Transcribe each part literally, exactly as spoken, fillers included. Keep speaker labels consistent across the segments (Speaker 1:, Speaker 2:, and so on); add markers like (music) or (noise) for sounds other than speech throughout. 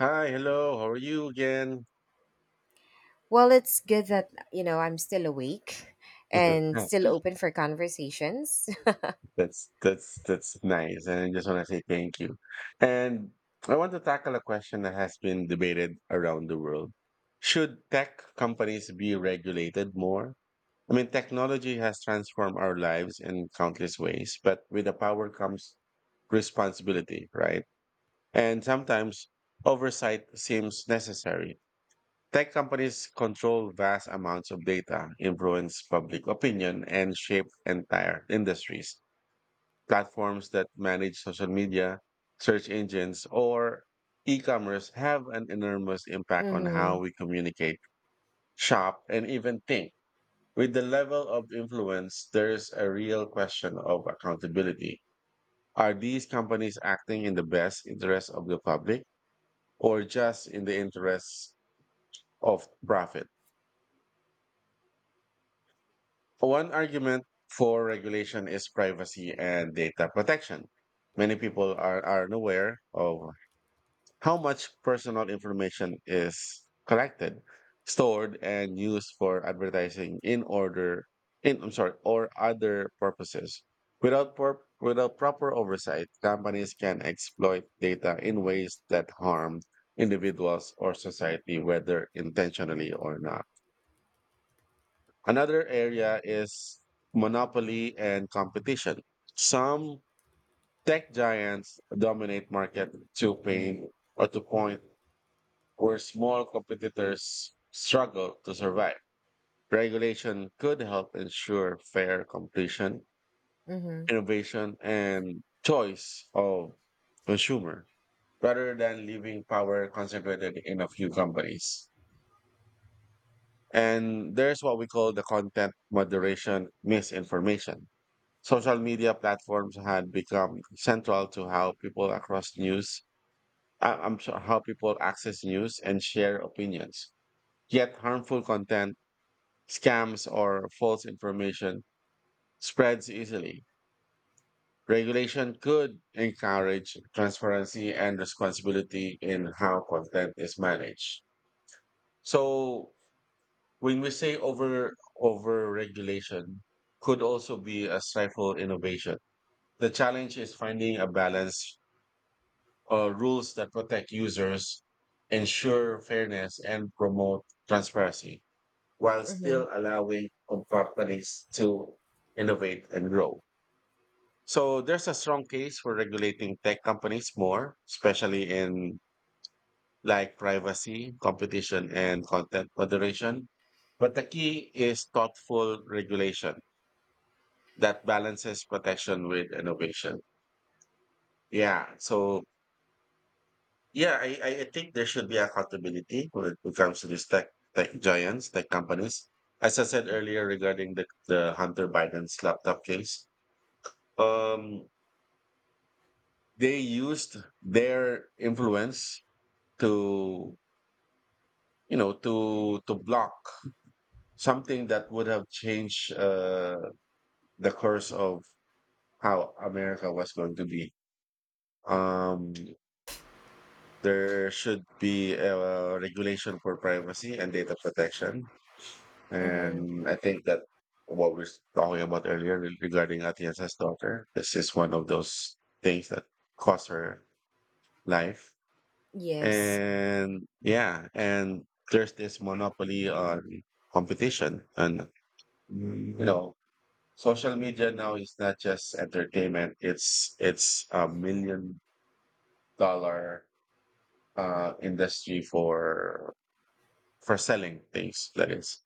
Speaker 1: Hi, hello. How are you again?
Speaker 2: Well, it's good that, you know, I'm still awake and
Speaker 1: (laughs)
Speaker 2: still open for conversations. (laughs)
Speaker 1: That's that's that's nice, and I just want to say thank you. And I want to tackle a question that has been debated around the world. Should tech companies be regulated more? I mean, technology has transformed our lives in countless ways, but with the power comes responsibility, right? And sometimes oversight seems necessary. Tech companies control vast amounts of data, influence public opinion, and shape entire industries. Platforms that manage social media, search engines, or e commerce have an enormous impact on how
Speaker 2: Mhm.
Speaker 1: we communicate, shop, and even think. With the level of influence, there's a real question of accountability. Are these companies acting in the best interest of the public or just in the interests of profit? One argument for regulation is privacy and data protection. Many people are, are unaware of how much personal information is collected, stored, and used for advertising in order in I'm sorry, or other purposes. Without por- without proper oversight, companies can exploit data in ways that harm individuals or society, whether intentionally or not. Another area is monopoly and competition. Some tech giants dominate market to pain or to point where small competitors struggle to survive. Regulation could help ensure fair competition,
Speaker 2: Mhm.
Speaker 1: innovation, and choice of consumer rather than leaving power concentrated in a few companies. And there's what we call the content moderation misinformation. Social media platforms had become central to how people across news, uh, I'm sorry, how people access news and share opinions. Yet harmful content, scams, or false information spreads easily. Regulation could encourage transparency and responsibility in how content is managed. So when we say over over regulation could also be a stifle innovation. The challenge is finding a balance, uh, rules that protect users, ensure fairness, and promote transparency while
Speaker 2: Mhm.
Speaker 1: still allowing com- companies to innovate and grow. So there's a strong case for regulating tech companies more, especially in like privacy, competition, and content moderation. But the key is thoughtful regulation that balances protection with innovation. Yeah. So yeah, I, I I think there should be accountability when it comes to these tech tech giants, tech companies. As I said earlier regarding the, the Hunter Biden's laptop case, um, they used their influence to, you know to to block something that would have changed, uh, the course of how America was going to be. Um, there should be a regulation for privacy and data protection.
Speaker 2: Mhm.
Speaker 1: And I think that what we are talking about earlier re- regarding Atienza's daughter, this is one of those things that cost her life.
Speaker 2: Yes.
Speaker 1: And yeah, and there's this monopoly on competition. And you know, social media now is not just entertainment, it's it's a million dollar uh industry for for selling things. That is.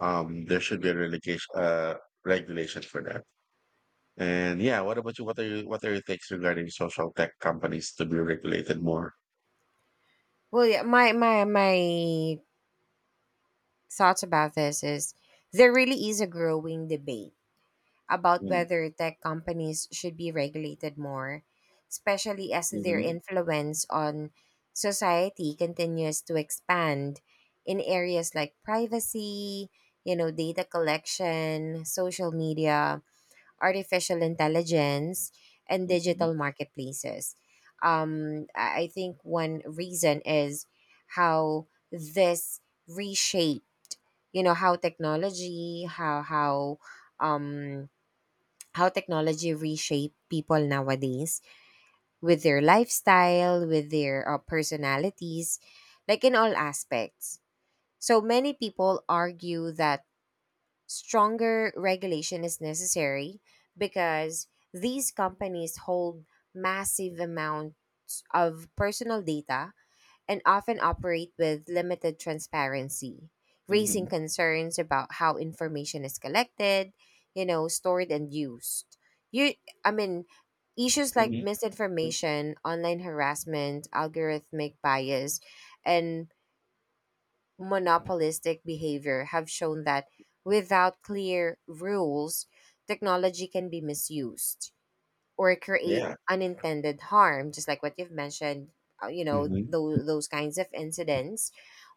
Speaker 1: Um there should be a relegation uh regulation for that. And yeah, what about you? What are you, what are your takes regarding social tech companies to be regulated more?
Speaker 2: Well, yeah, my my my thoughts about this is there really is a growing debate about
Speaker 1: Mm.
Speaker 2: whether tech companies should be regulated more, especially as their
Speaker 1: Mhm.
Speaker 2: influence on society continues to expand in areas like privacy, you know, data collection, social media, artificial intelligence, and
Speaker 1: Mhm.
Speaker 2: digital marketplaces. Um, I I think one reason is how this reshaped, you know, how technology, how how um how technology reshape people nowadays with their lifestyle, with their uh, personalities, like in all aspects. So many people argue that stronger regulation is necessary because these companies hold massive amounts of personal data and often operate with limited transparency, raising
Speaker 1: Mhm.
Speaker 2: concerns about how information is collected, you know, stored and used. You I mean, issues like
Speaker 1: Mhm. Mm.
Speaker 2: misinformation, online harassment, algorithmic bias, and monopolistic behavior have shown that without clear rules, technology can be misused or create
Speaker 1: Yeah.
Speaker 2: unintended harm, just like what you've mentioned, uh, you know,
Speaker 1: Mhm.
Speaker 2: those, those kinds of incidents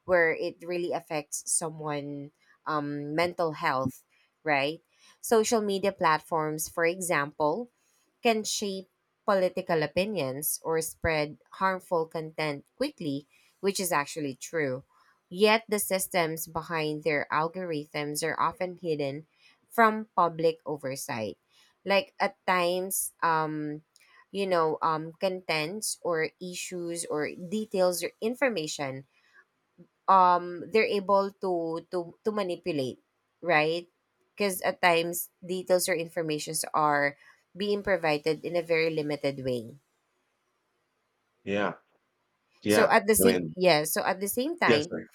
Speaker 2: where it really affects someone um, mental health, right? Social media platforms, for example, can shape political opinions or spread harmful content quickly, which is actually true. Yet the systems behind their algorithms are often hidden from public oversight. Like at times, um, you know, um, contents or issues or details or information um they're able to to to manipulate, right? Because at times details or informations are being provided in a very limited way
Speaker 1: Yeah.
Speaker 2: so
Speaker 1: Yeah.
Speaker 2: at the
Speaker 1: I
Speaker 2: same
Speaker 1: mean,
Speaker 2: yeah so at the same
Speaker 1: yes,
Speaker 2: time.
Speaker 1: sir.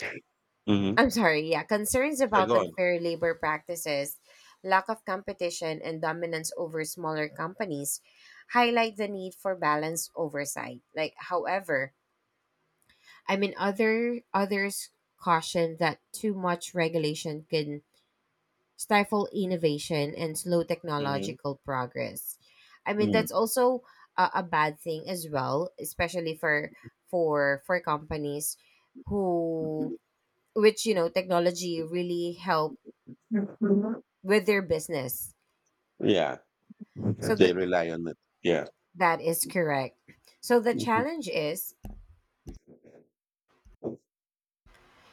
Speaker 1: Hmm.
Speaker 2: (laughs) I'm sorry yeah Concerns
Speaker 1: So
Speaker 2: about
Speaker 1: go on.
Speaker 2: unfair labor practices, lack of competition and dominance over smaller companies highlight the need for balanced oversight. Like however i mean other others caution that too much regulation can stifle innovation and slow
Speaker 1: Mm-hmm.
Speaker 2: technological progress. I mean,
Speaker 1: Mm.
Speaker 2: that's also a, a bad thing as well, especially for for for companies who which you know technology really help with their business.
Speaker 1: Yeah.
Speaker 2: So
Speaker 1: They
Speaker 2: that
Speaker 1: rely on it. Yeah.
Speaker 2: that is correct. So the
Speaker 1: Mm-hmm.
Speaker 2: challenge is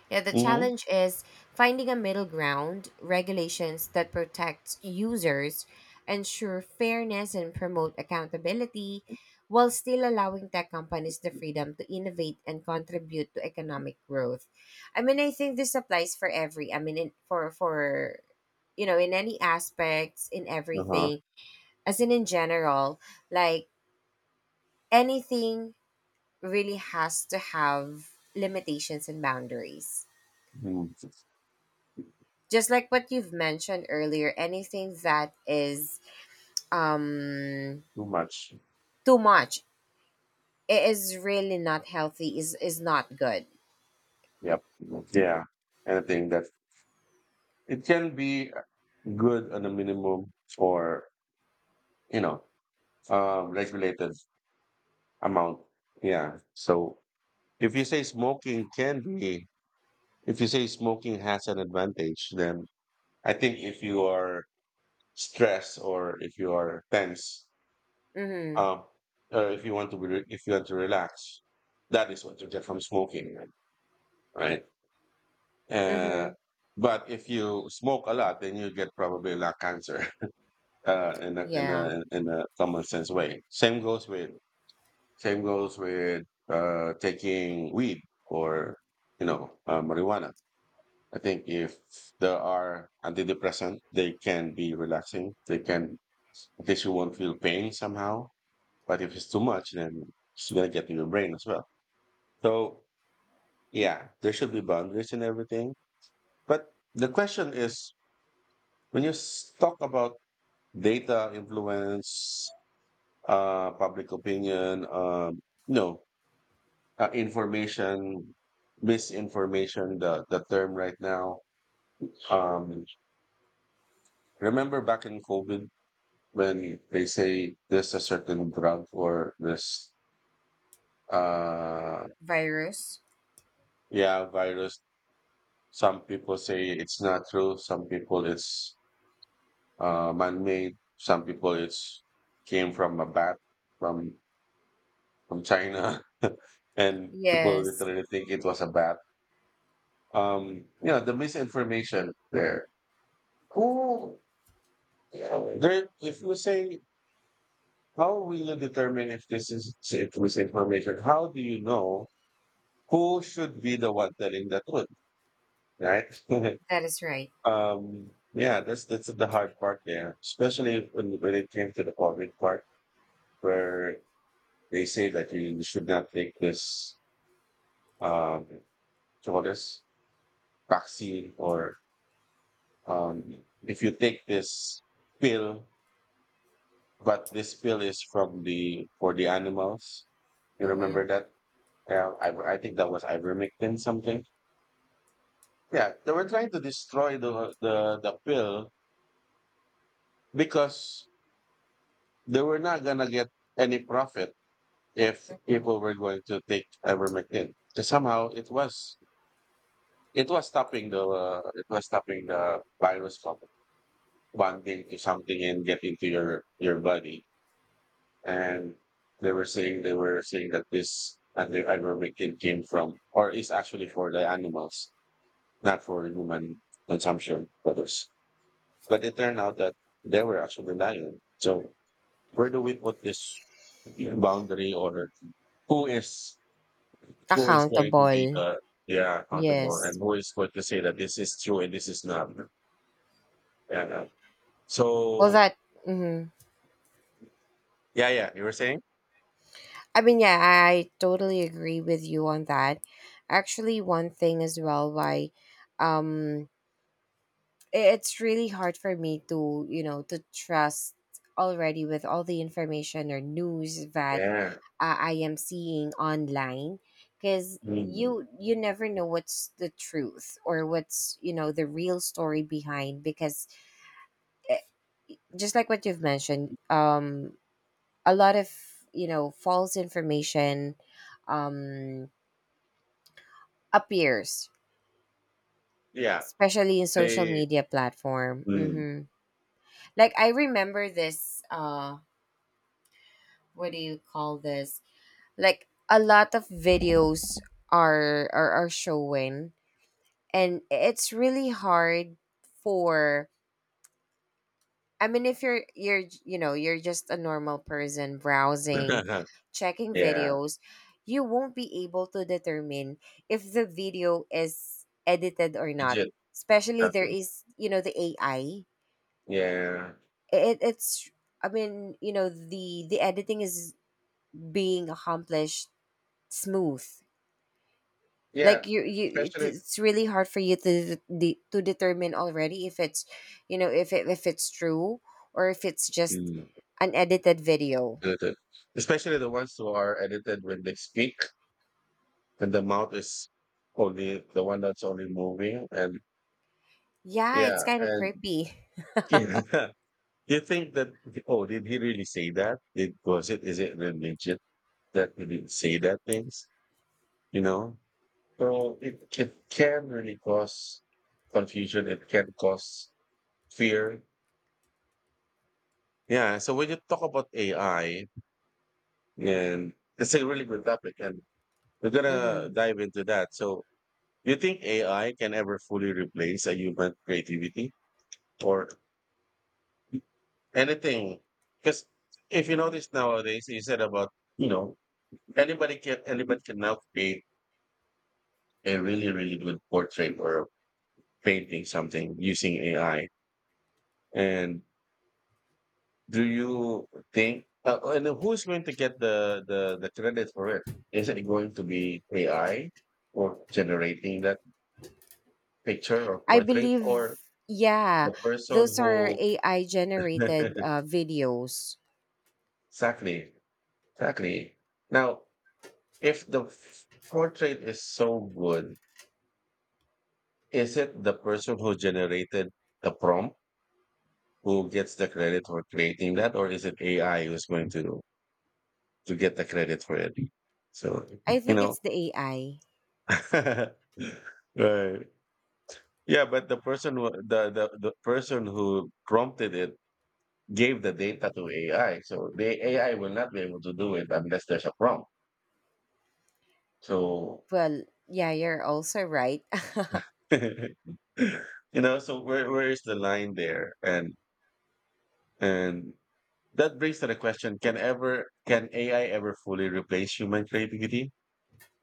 Speaker 2: Yeah, the
Speaker 1: Mm-hmm.
Speaker 2: challenge is finding a middle ground, regulations that protect users, ensure fairness, and promote accountability, while still allowing tech companies the freedom to innovate and contribute to economic growth. I mean, I think this applies for every, I mean, in, for, for, you know, in any aspects, in
Speaker 1: Uh-huh.
Speaker 2: everything, as in in general, like anything really has to have limitations and boundaries.
Speaker 1: Mm. It's
Speaker 2: Just like what you've mentioned earlier, anything that is um
Speaker 1: too much.
Speaker 2: too much i- is really not healthy. Is is not good.
Speaker 1: Yep. Yeah. And I think that it can be good on a minimum for, you know, uh, regulated amount. Yeah. So if you say smoking can be, if you say smoking has an advantage, then I think if you are stressed or if you are tense,
Speaker 2: Mhm.
Speaker 1: um, or if you want to be, re- if you want to relax, that is what you get from smoking, right? Uh,
Speaker 2: Mhm.
Speaker 1: but if you smoke a lot, then you get probably lung cancer. (laughs) Uh, in a in
Speaker 2: Yeah.
Speaker 1: a in a common sense way. Same goes with Same goes with, uh, taking weed or you know, uh, marijuana. I think if there are antidepressant, they can be relaxing. They can, in case you won't feel pain somehow. But if it's too much, then it's gonna get to your brain as well. So yeah, there should be boundaries and everything. But the question is, when you s- talk about data influence, uh, public opinion, um, no uh, information, misinformation, the the term right now. um Remember back in COVID when they say there's a certain drug or this, uh
Speaker 2: Virus.
Speaker 1: yeah, virus. Some people say it's not true, some people it's, uh man-made, some people it's came from a bat, from from China. (laughs) And people
Speaker 2: Yes,
Speaker 1: literally think it was a bat. Um you know, the misinformation there, who there, if we say, how will you determine if this is, if it was information? How do you know who should be the one telling the truth, right? (laughs)
Speaker 2: that is right.
Speaker 1: um, yeah, that's that's the hard part there, especially when when it came to the COVID part, where they say that you should not take this, um, call this vaccine, or um, if you take this pill, but this pill is from the for the animals. You remember
Speaker 2: Mhm.
Speaker 1: that? Yeah, I, I think that was ivermectin something. Yeah, they were trying to destroy the the the pill because they were not gonna get any profit if
Speaker 2: Mhm.
Speaker 1: people were going to take ivermectin. So somehow it was, it was stopping the uh, it was stopping the virus from bonding to something and get into your your body. And they were saying they were saying that this and the ivermectin came from or is actually for the animals, not for human consumption for. But it turned out that they were actually lying. So where do we put this boundary, or who is who is going to be
Speaker 2: Accountable.
Speaker 1: the, yeah accountable,
Speaker 2: Yes.
Speaker 1: and who is going to say that this is true and this is not? Yeah, yeah.
Speaker 2: Well,
Speaker 1: So
Speaker 2: that. Mhm.
Speaker 1: yeah, yeah. You were saying?
Speaker 2: I mean, yeah, I totally agree with you on that. Actually, one thing as well why, um, i- it's really hard for me to you know to trust already with all the information or news that
Speaker 1: Yeah.
Speaker 2: uh, I am seeing online, because
Speaker 1: Mm.
Speaker 2: you you never know what's the truth or what's you know the real story behind. Because eh, just like what you've mentioned um a lot of you know false information um appears,
Speaker 1: Yeah.
Speaker 2: especially in social
Speaker 1: They
Speaker 2: media platform.
Speaker 1: mm.
Speaker 2: Hmm like I remember this, uh what do you call this like a lot of videos are are, are showing, and it's really hard for, I mean if you're you're you know you're just a normal person browsing,
Speaker 1: (laughs)
Speaker 2: checking
Speaker 1: Yeah.
Speaker 2: videos, you won't be able to determine if the video is edited or not,
Speaker 1: Legit.
Speaker 2: especially there
Speaker 1: Exactly.
Speaker 2: is you know the AI.
Speaker 1: Yeah.
Speaker 2: It, it's i mean you know the the editing is being accomplished smooth.
Speaker 1: Yeah.
Speaker 2: Like you you it-
Speaker 1: Especially
Speaker 2: it's really hard for you to de- de- to determine already if it's you know if it, if it's true or if it's just
Speaker 1: mm,
Speaker 2: an edited video.
Speaker 1: edited. Especially the ones who are edited when they speak, and the mouth is only the one that's only moving. And
Speaker 2: Yeah,
Speaker 1: yeah,
Speaker 2: it's kind of
Speaker 1: and
Speaker 2: creepy.
Speaker 1: (laughs) yeah, you think that, oh, did he really say that? Did, was it, is it really legit that he didn't say that things, you know? So it, it can really cause confusion, it can cause fear. Yeah, so when you talk about AI, and it's a really good topic and we're
Speaker 2: Hmm,
Speaker 1: gonna dive into that. So do you think AI can ever fully replace a human creativity or anything? Because if you notice nowadays you said about, you know, anybody can anybody can now create a really really good portrait or painting something using AI. And do you think, uh, oh, and who's going to get the, the the credit for it? Is it going to be AI or generating that picture or
Speaker 2: I
Speaker 1: portrait, or
Speaker 2: believe, yeah,
Speaker 1: the person
Speaker 2: those are
Speaker 1: who
Speaker 2: AI generated
Speaker 1: (laughs)
Speaker 2: uh, videos.
Speaker 1: exactly, exactly. Now if the f- portrait is so good, is it the person who generated the prompt who gets the credit for creating that, or is it A I who's going to to get the credit for it? So
Speaker 2: I
Speaker 1: you
Speaker 2: think
Speaker 1: know,
Speaker 2: it's the AI.
Speaker 1: (laughs) right? Yeah, but the person who, the, the the person who prompted it gave the data to A I, so the A I will not be able to do it unless there's a prompt. So
Speaker 2: Well, yeah, you're also right.
Speaker 1: (laughs) you know, so where where is the line there? And and that brings to the question, can ever can A I ever fully replace human creativity?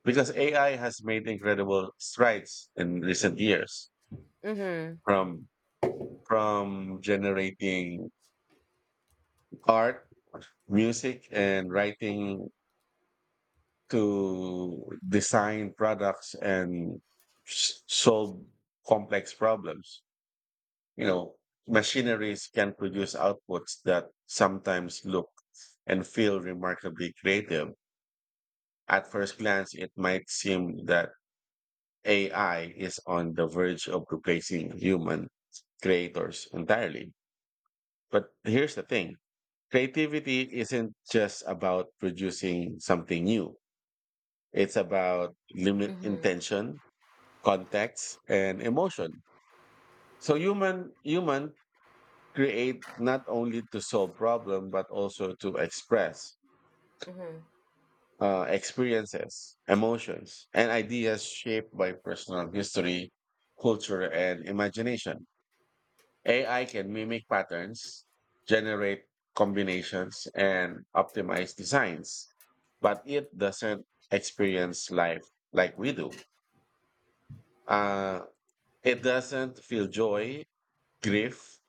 Speaker 1: Because A I has made incredible strides in recent years,
Speaker 2: (laughs)
Speaker 1: from from generating art, music and writing, to design products and s- solve complex problems. You know, machineries can produce outputs that sometimes look and feel remarkably creative. At first glance, it might seem that A I is on the verge of replacing human creators entirely. But here's the thing, creativity isn't just about producing something new. It's about limit
Speaker 2: Mm-hmm.
Speaker 1: intention, context, and emotion. So human human create not only to solve problem but also to express,
Speaker 2: Mm-hmm.
Speaker 1: uh, experiences, emotions, and ideas shaped by personal history, culture, and imagination. A I can mimic patterns, generate combinations, and optimize designs, but it doesn't experience life like we do. Uh, it doesn't feel joy, grief,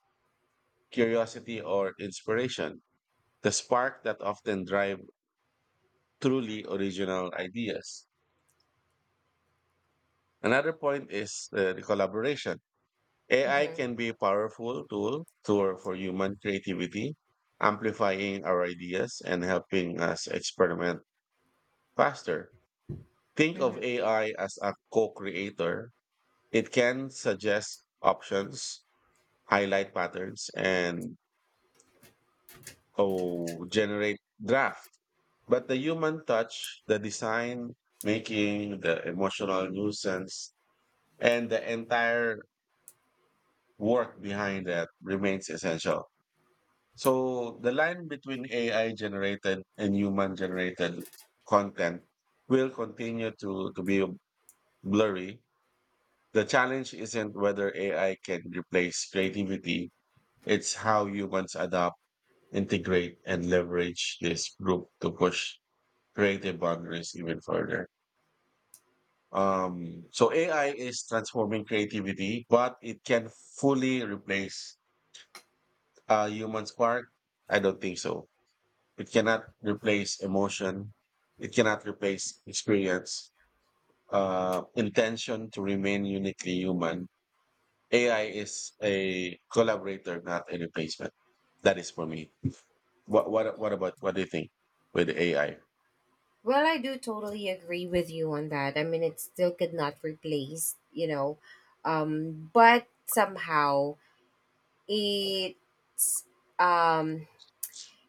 Speaker 1: curiosity, or inspiration, the spark that often drive truly original ideas. Another point is, uh, the collaboration. A I
Speaker 2: Mm-hmm.
Speaker 1: can be a powerful tool to, for human creativity, amplifying our ideas and helping us experiment faster. Think of
Speaker 2: Mm-hmm.
Speaker 1: A I as a co creator. It can suggest options, highlight patterns, and oh, generate draft. But the human touch, the design, making, the emotional nuisance, and the entire work behind that remains essential. So the line between A I generated and human generated content will continue to, to be blurry. The challenge isn't whether A I can replace creativity, it's how humans adapt, integrate, and leverage this group to push creative boundaries even further. Um, so A I is transforming creativity, but it can fully replace a human spark. I don't think so. It cannot replace emotion. It cannot replace experience. Uh, intention to remain uniquely human. A I is a collaborator, not a replacement. That is for me. What what what about what do you think with A I?
Speaker 2: Well, I do totally agree with you on that. I mean, it still could not replace, you know, um, but somehow it's um,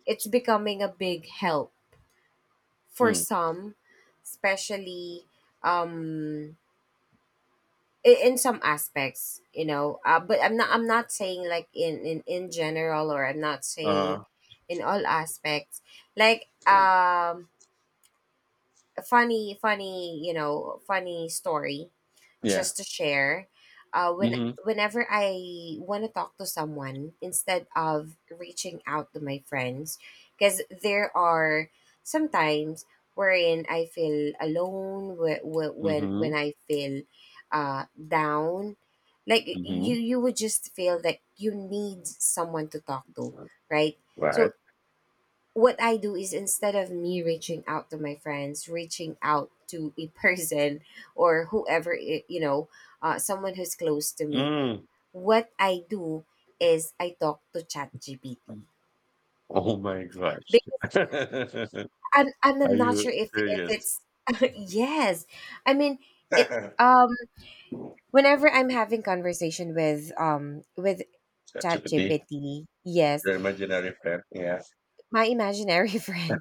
Speaker 2: it's becoming a big help for
Speaker 1: Mm.
Speaker 2: some, especially um, in, in some aspects, you know. Uh, but I'm not I'm not saying like in, in in general, or I'm not saying
Speaker 1: Uh-huh.
Speaker 2: in all aspects. Like um, funny funny you know funny story
Speaker 1: Yeah.
Speaker 2: just to share uh, When
Speaker 1: Mm-hmm.
Speaker 2: whenever I want to talk to someone instead of reaching out to my friends, because there are sometimes wherein I feel alone, wh- wh- when
Speaker 1: Mm-hmm.
Speaker 2: when I feel uh, down, like
Speaker 1: Mm-hmm.
Speaker 2: you you would just feel that you need someone to talk to, right?
Speaker 1: Right.
Speaker 2: So what I do is instead of me reaching out to my friends, reaching out to a (laughs) person or whoever, i- you know, uh, someone who's close to me,
Speaker 1: Mm.
Speaker 2: what I do is I talk to ChatGPT.
Speaker 1: Oh my gosh.
Speaker 2: Because
Speaker 1: (laughs)
Speaker 2: I'm, I'm
Speaker 1: Are
Speaker 2: I'm not sure
Speaker 1: you
Speaker 2: if, if
Speaker 1: serious?
Speaker 2: it's, (laughs) yes. I mean, it,
Speaker 1: (laughs)
Speaker 2: um, whenever I'm having conversation with, um, with
Speaker 1: ChatGPT,
Speaker 2: ChatGPT, yes.
Speaker 1: your imaginary friend. Yeah.
Speaker 2: My imaginary (laughs) friend.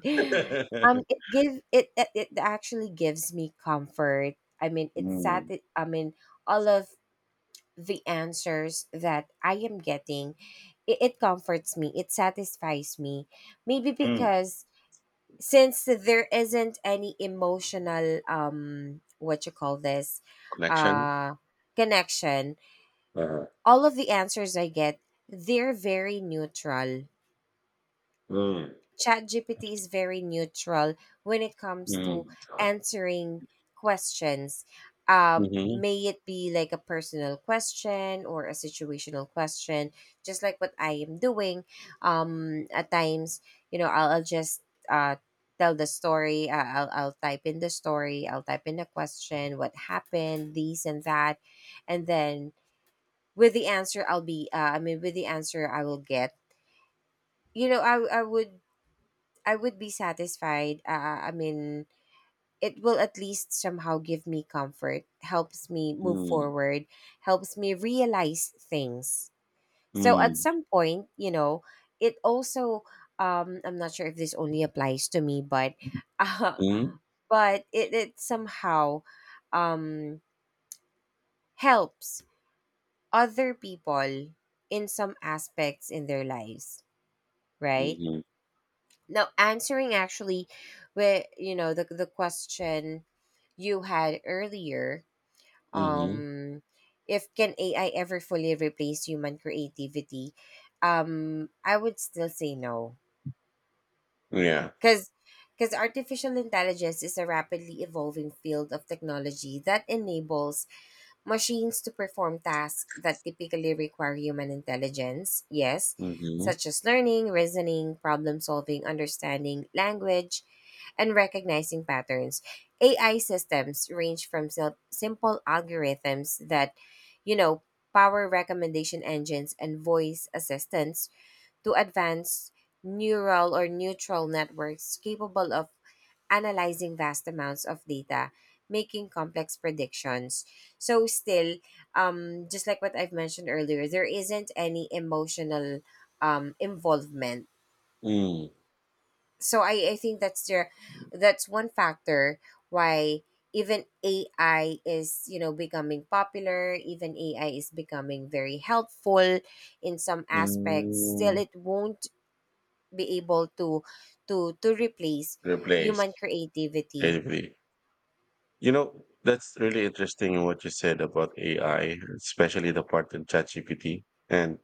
Speaker 2: Um, it give it, it it actually gives me comfort. I mean, it's sad.
Speaker 1: Mm.
Speaker 2: That, I mean, all of the answers that I am getting, it, it comforts me. It satisfies me. Maybe
Speaker 1: Mm.
Speaker 2: because since there isn't any emotional um, what you call this,
Speaker 1: Connection.
Speaker 2: uh, connection.
Speaker 1: Uh,
Speaker 2: All of the answers I get, they're very neutral.
Speaker 1: mm.
Speaker 2: ChatGPT is very neutral when it comes to
Speaker 1: Mm.
Speaker 2: answering questions. Um,
Speaker 1: Mm-hmm.
Speaker 2: may it be like a personal question or a situational question, just like what I am doing. Um, at times, you know, I'll, I'll just uh, tell the story. Uh, I'll, I'll type in the story. I'll type in the question, what happened, these and that, and then with the answer, I'll be. Uh, I mean, with the answer, I will get. You know, I I would I would be satisfied. Uh, I mean, it will at least somehow give me comfort, helps me move
Speaker 1: Mm.
Speaker 2: forward, helps me realize things. So at
Speaker 1: Mm.
Speaker 2: some point, you know, it also um I'm not sure if this only applies to me, but (laughs) uh,
Speaker 1: Mm.
Speaker 2: but it, it somehow um helps other people in some aspects in their lives, right?
Speaker 1: Mm-hmm.
Speaker 2: Now, answering actually with you know the the question you had earlier,
Speaker 1: Mm-hmm.
Speaker 2: um, if can A I ever fully replace human creativity? Um, I would still say no,
Speaker 1: Yeah.
Speaker 2: because because artificial intelligence is a rapidly evolving field of technology that enables machines to perform tasks that typically require human intelligence, yes,
Speaker 1: Mm-hmm.
Speaker 2: such as learning, reasoning, problem solving, understanding language, and recognizing patterns. A I systems range from sil- simple algorithms that, you know, power recommendation engines and voice assistants to advanced neural or neutral networks capable of analyzing vast amounts of data, making complex predictions. So still, um, just like what I've mentioned earlier, there isn't any emotional um, involvement.
Speaker 1: Mm.
Speaker 2: So I, I think that's the that's one factor why even A I is you know becoming popular. Even A I is becoming very helpful in some aspects. Still,
Speaker 1: Mm.
Speaker 2: it won't be able to to to replace human
Speaker 1: Replace.
Speaker 2: creativity.
Speaker 1: Basically. You know, that's really interesting what you said about A I, especially the part in ChatGPT. And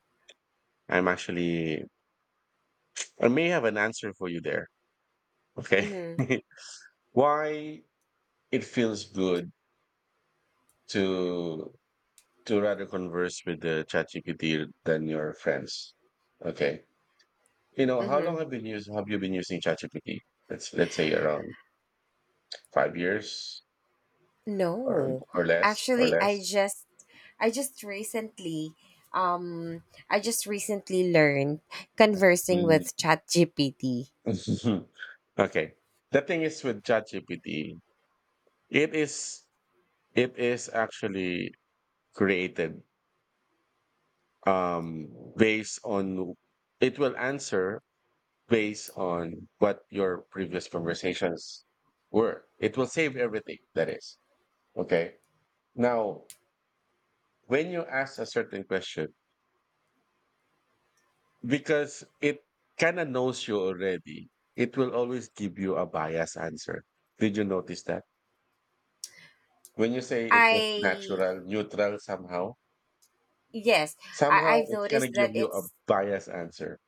Speaker 1: I'm actually, I may have an answer for you there. Okay.
Speaker 2: Mm-hmm.
Speaker 1: (laughs) Why it feels good to to rather converse with the ChatGPT than your friends. Okay. You know, how long
Speaker 2: Mm-hmm.
Speaker 1: have been use have you been using ChatGPT? Let's let's say around five years or
Speaker 2: No,
Speaker 1: or less or
Speaker 2: actually, I
Speaker 1: less.
Speaker 2: just I just recently um I just recently learned conversing
Speaker 1: Mm.
Speaker 2: with ChatGPT.
Speaker 1: (laughs) Okay. The thing is with ChatGPT, it is it is actually created um, based on it will answer based on what your previous conversations were. It will save everything that is. Okay. Now, when you ask a certain question, because it kind of knows you already, it will always give you a biased answer. Did you notice that? When you say it was
Speaker 2: I
Speaker 1: natural, neutral somehow,
Speaker 2: Yes, I,
Speaker 1: somehow
Speaker 2: I've
Speaker 1: it's going to
Speaker 2: noticed
Speaker 1: give
Speaker 2: that
Speaker 1: you a
Speaker 2: it's
Speaker 1: biased answer.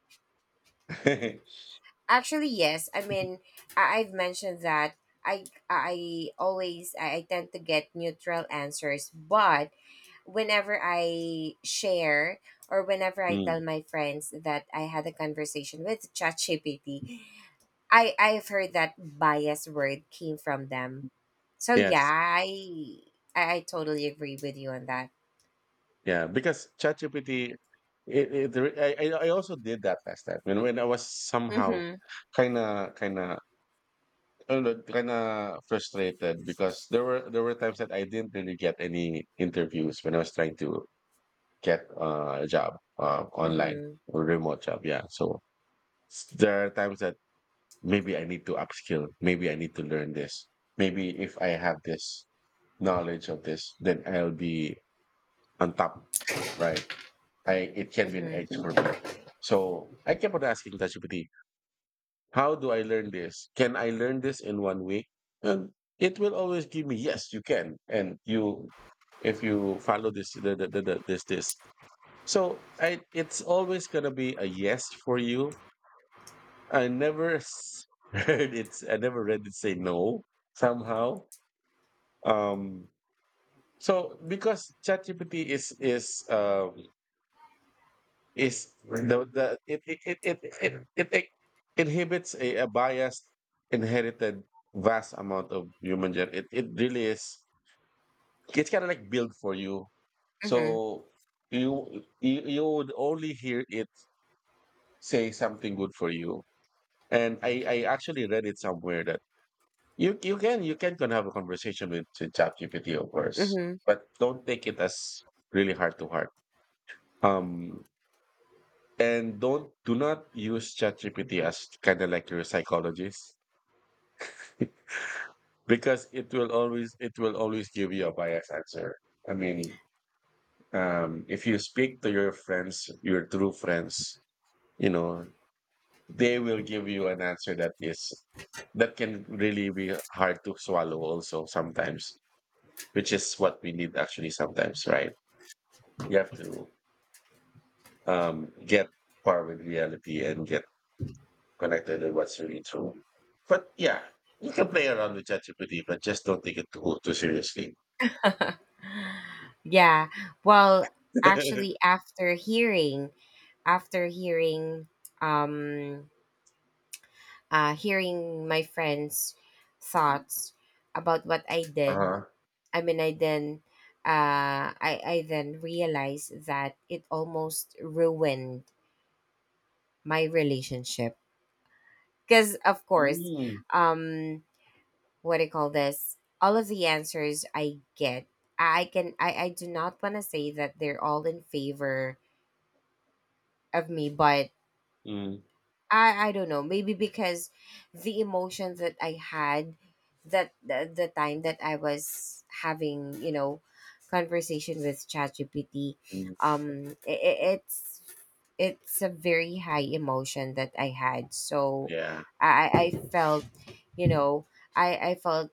Speaker 1: (laughs)
Speaker 2: actually yes. I mean, I, I've mentioned that I I always I, I tend to get neutral answers, but whenever I share or whenever I tell
Speaker 1: Mm.
Speaker 2: my friends that I had a conversation with ChatGPT, I I've heard that bias word came from them. So yeah,
Speaker 1: Yes.
Speaker 2: I I, I totally agree with you on that.
Speaker 1: Yeah, because ChatGPT, it, it re- I I I also did that last time when when I was somehow
Speaker 2: Mm-hmm.
Speaker 1: kind of kind of kind of frustrated because there were there were times that I didn't really get any interviews when I was trying to get uh, a job uh, online
Speaker 2: Mm-hmm.
Speaker 1: or remote job. Yeah, so s- there are times that maybe I need to upskill, maybe I need to learn this, maybe if I have this knowledge of this, then I'll be on top, right? I it can be an edge
Speaker 2: Mm-hmm.
Speaker 1: for me. So I kept on asking ChatGPT, how do I learn this? Can I learn this in one week? And it will always give me, yes, you can. And you, if you follow this, the, the, the, the- this, this. So I, it's always going to be a yes for you. I never s- (laughs) heard it. I never read it say no somehow. Um, so because ChatGPT is, is, uh, is the, the it, it, it, it, it, it, it inhibits a, a biased inherited vast amount of human gen it, it really is it's kind of like built for you,
Speaker 2: Mm-hmm.
Speaker 1: so you, you you would only hear it say something good for you. And i i actually read it somewhere that you you can you can can have a conversation with, with chat, of course,
Speaker 2: Mm-hmm.
Speaker 1: but don't take it as really heart to heart. um And don't do not use ChatGPT as kind of like your psychologist (laughs) because it will always it will always give you a biased answer. I mean, um, if you speak to your friends, your true friends, you know, they will give you an answer that is that can really be hard to swallow also sometimes, which is what we need actually sometimes, right? You have to um, get par with reality and get connected and what's really true. But yeah, you can play around with ChatGPT, but just don't take it too, too seriously.
Speaker 2: (laughs) Yeah. Well, actually,
Speaker 1: (laughs)
Speaker 2: after hearing, after hearing, um, uh, hearing my friends' thoughts about what I did,
Speaker 1: Uh-huh.
Speaker 2: I mean, I then, uh, I I then realized that it almost ruined my relationship. Because of course,
Speaker 1: Mm,
Speaker 2: um, what do you call this? All of the answers I get, I can, I, I do not want to say that they're all in favor of me, but
Speaker 1: mm,
Speaker 2: I i don't know, maybe because the emotions that I had, that the, the time that I was having you know conversation with ChatGPT,
Speaker 1: mm,
Speaker 2: um it it's it's a very high emotion that I had. So
Speaker 1: yeah.
Speaker 2: I, I felt, you know, I, I felt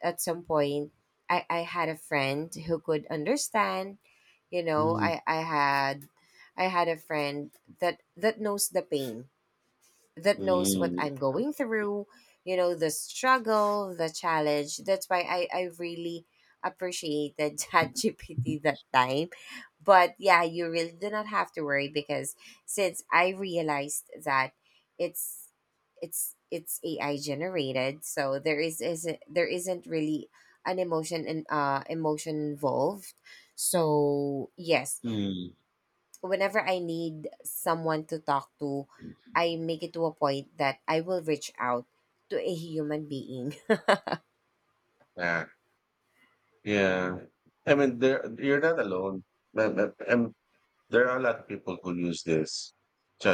Speaker 2: at some point I, I had a friend who could understand, you know,
Speaker 1: Mm,
Speaker 2: I, I had I had a friend that that knows the pain that knows what
Speaker 1: mm,
Speaker 2: I'm going through, you know, the struggle, the challenge. That's why I, I really appreciated (laughs) ChatGPT that time. But yeah, you really do not have to worry because since I realized that it's it's it's A I generated, so there is isn't there isn't really an emotion and uh emotion involved. So yes,
Speaker 1: mm.
Speaker 2: whenever I need someone to talk to, I make it to a point that I will reach out to a human being. (laughs)
Speaker 1: Yeah. Yeah. I mean, there, you're not alone. And, and and there are a lot of people who use this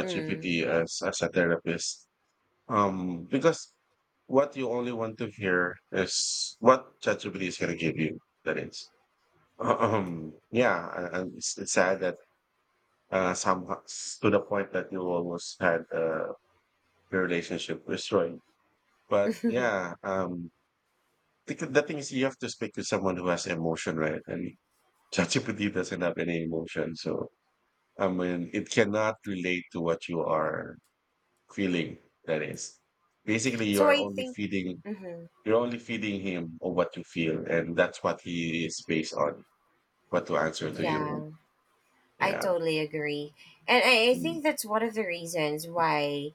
Speaker 2: Mm.
Speaker 1: as, as a therapist. Um, because what you only want to hear is what ChatGPT is going to give you. That is. Um, yeah, and and it's, it's sad that uh, somehow s- to the point that you almost had uh, your relationship destroyed. But
Speaker 2: (laughs)
Speaker 1: yeah, um, the, good- the thing is, you have to speak to someone who has emotion, right? And (laughs) ChatGPT doesn't have any emotion, so I mean, it cannot relate to what you are feeling. That is basically you
Speaker 2: So
Speaker 1: are
Speaker 2: I
Speaker 1: only
Speaker 2: think,
Speaker 1: feeding
Speaker 2: mhm.
Speaker 1: you're only feeding him on what you feel, and that's what he is based on, what to answer to you.
Speaker 2: Yeah, I
Speaker 1: Yeah,
Speaker 2: totally agree. And I, I
Speaker 1: mm,
Speaker 2: think that's one of the reasons why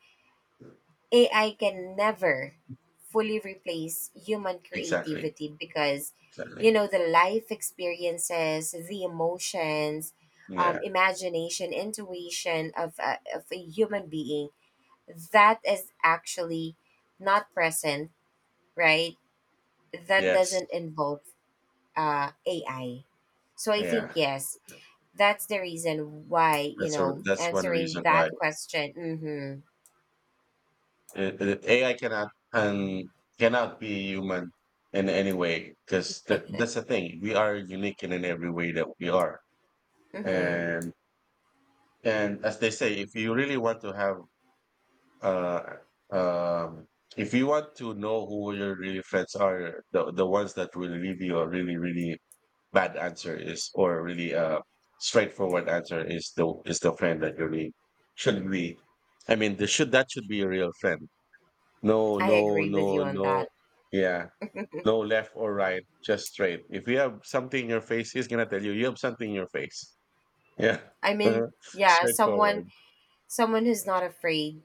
Speaker 2: A I can never fully replace human
Speaker 1: exactly.
Speaker 2: creativity because,
Speaker 1: Certainly.
Speaker 2: you know, the life experiences, the emotions,
Speaker 1: Yeah.
Speaker 2: um, imagination, intuition of a, of a human being that is actually not present, right? That
Speaker 1: Yes.
Speaker 2: doesn't involve uh, A I. So I think,
Speaker 1: Yeah.
Speaker 2: yes, that's the reason why, you
Speaker 1: That's a
Speaker 2: know,
Speaker 1: that's one
Speaker 2: answering
Speaker 1: reason why
Speaker 2: that question.
Speaker 1: it, it, A I cannot and cannot be human in any way because th- that's the thing. We are unique in, in every way that we are,
Speaker 2: Mm-hmm, mm-hmm,
Speaker 1: and and as they say, if you really want to have uh um if you want to know who your really friends are, the the ones that will leave you are really really bad answer is, or really uh, straightforward answer is the is the friend that you really should be. I mean, this should that should be a real friend. No,
Speaker 2: I
Speaker 1: no,
Speaker 2: agree with you
Speaker 1: no,
Speaker 2: on
Speaker 1: no.
Speaker 2: that.
Speaker 1: Yeah, no left or right, just straight. If you have something in your face, he's gonna tell you you have something in your face. Yeah,
Speaker 2: I
Speaker 1: (laughs)
Speaker 2: mean, yeah, someone
Speaker 1: straightforward
Speaker 2: someone who's not afraid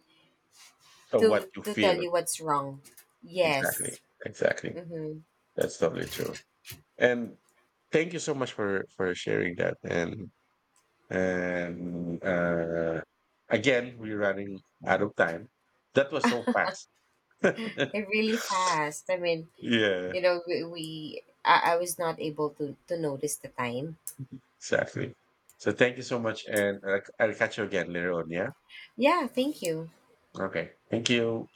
Speaker 1: of what
Speaker 2: to
Speaker 1: you
Speaker 2: to tell
Speaker 1: feel.
Speaker 2: you what's wrong.
Speaker 1: Exactly,
Speaker 2: Yes.
Speaker 1: exactly.
Speaker 2: Mm-hmm.
Speaker 1: That's totally true. And thank you so much for for sharing that, and and uh, again we're running out of time, that was so fast.
Speaker 2: They're
Speaker 1: (laughs)
Speaker 2: really fast. I mean,
Speaker 1: Yeah,
Speaker 2: you know, we, we I, I was not able to, to notice the time.
Speaker 1: exactly. So thank you so much, and uh, I'll catch you again later on. Yeah,
Speaker 2: Yeah, thank you.
Speaker 1: okay, thank you.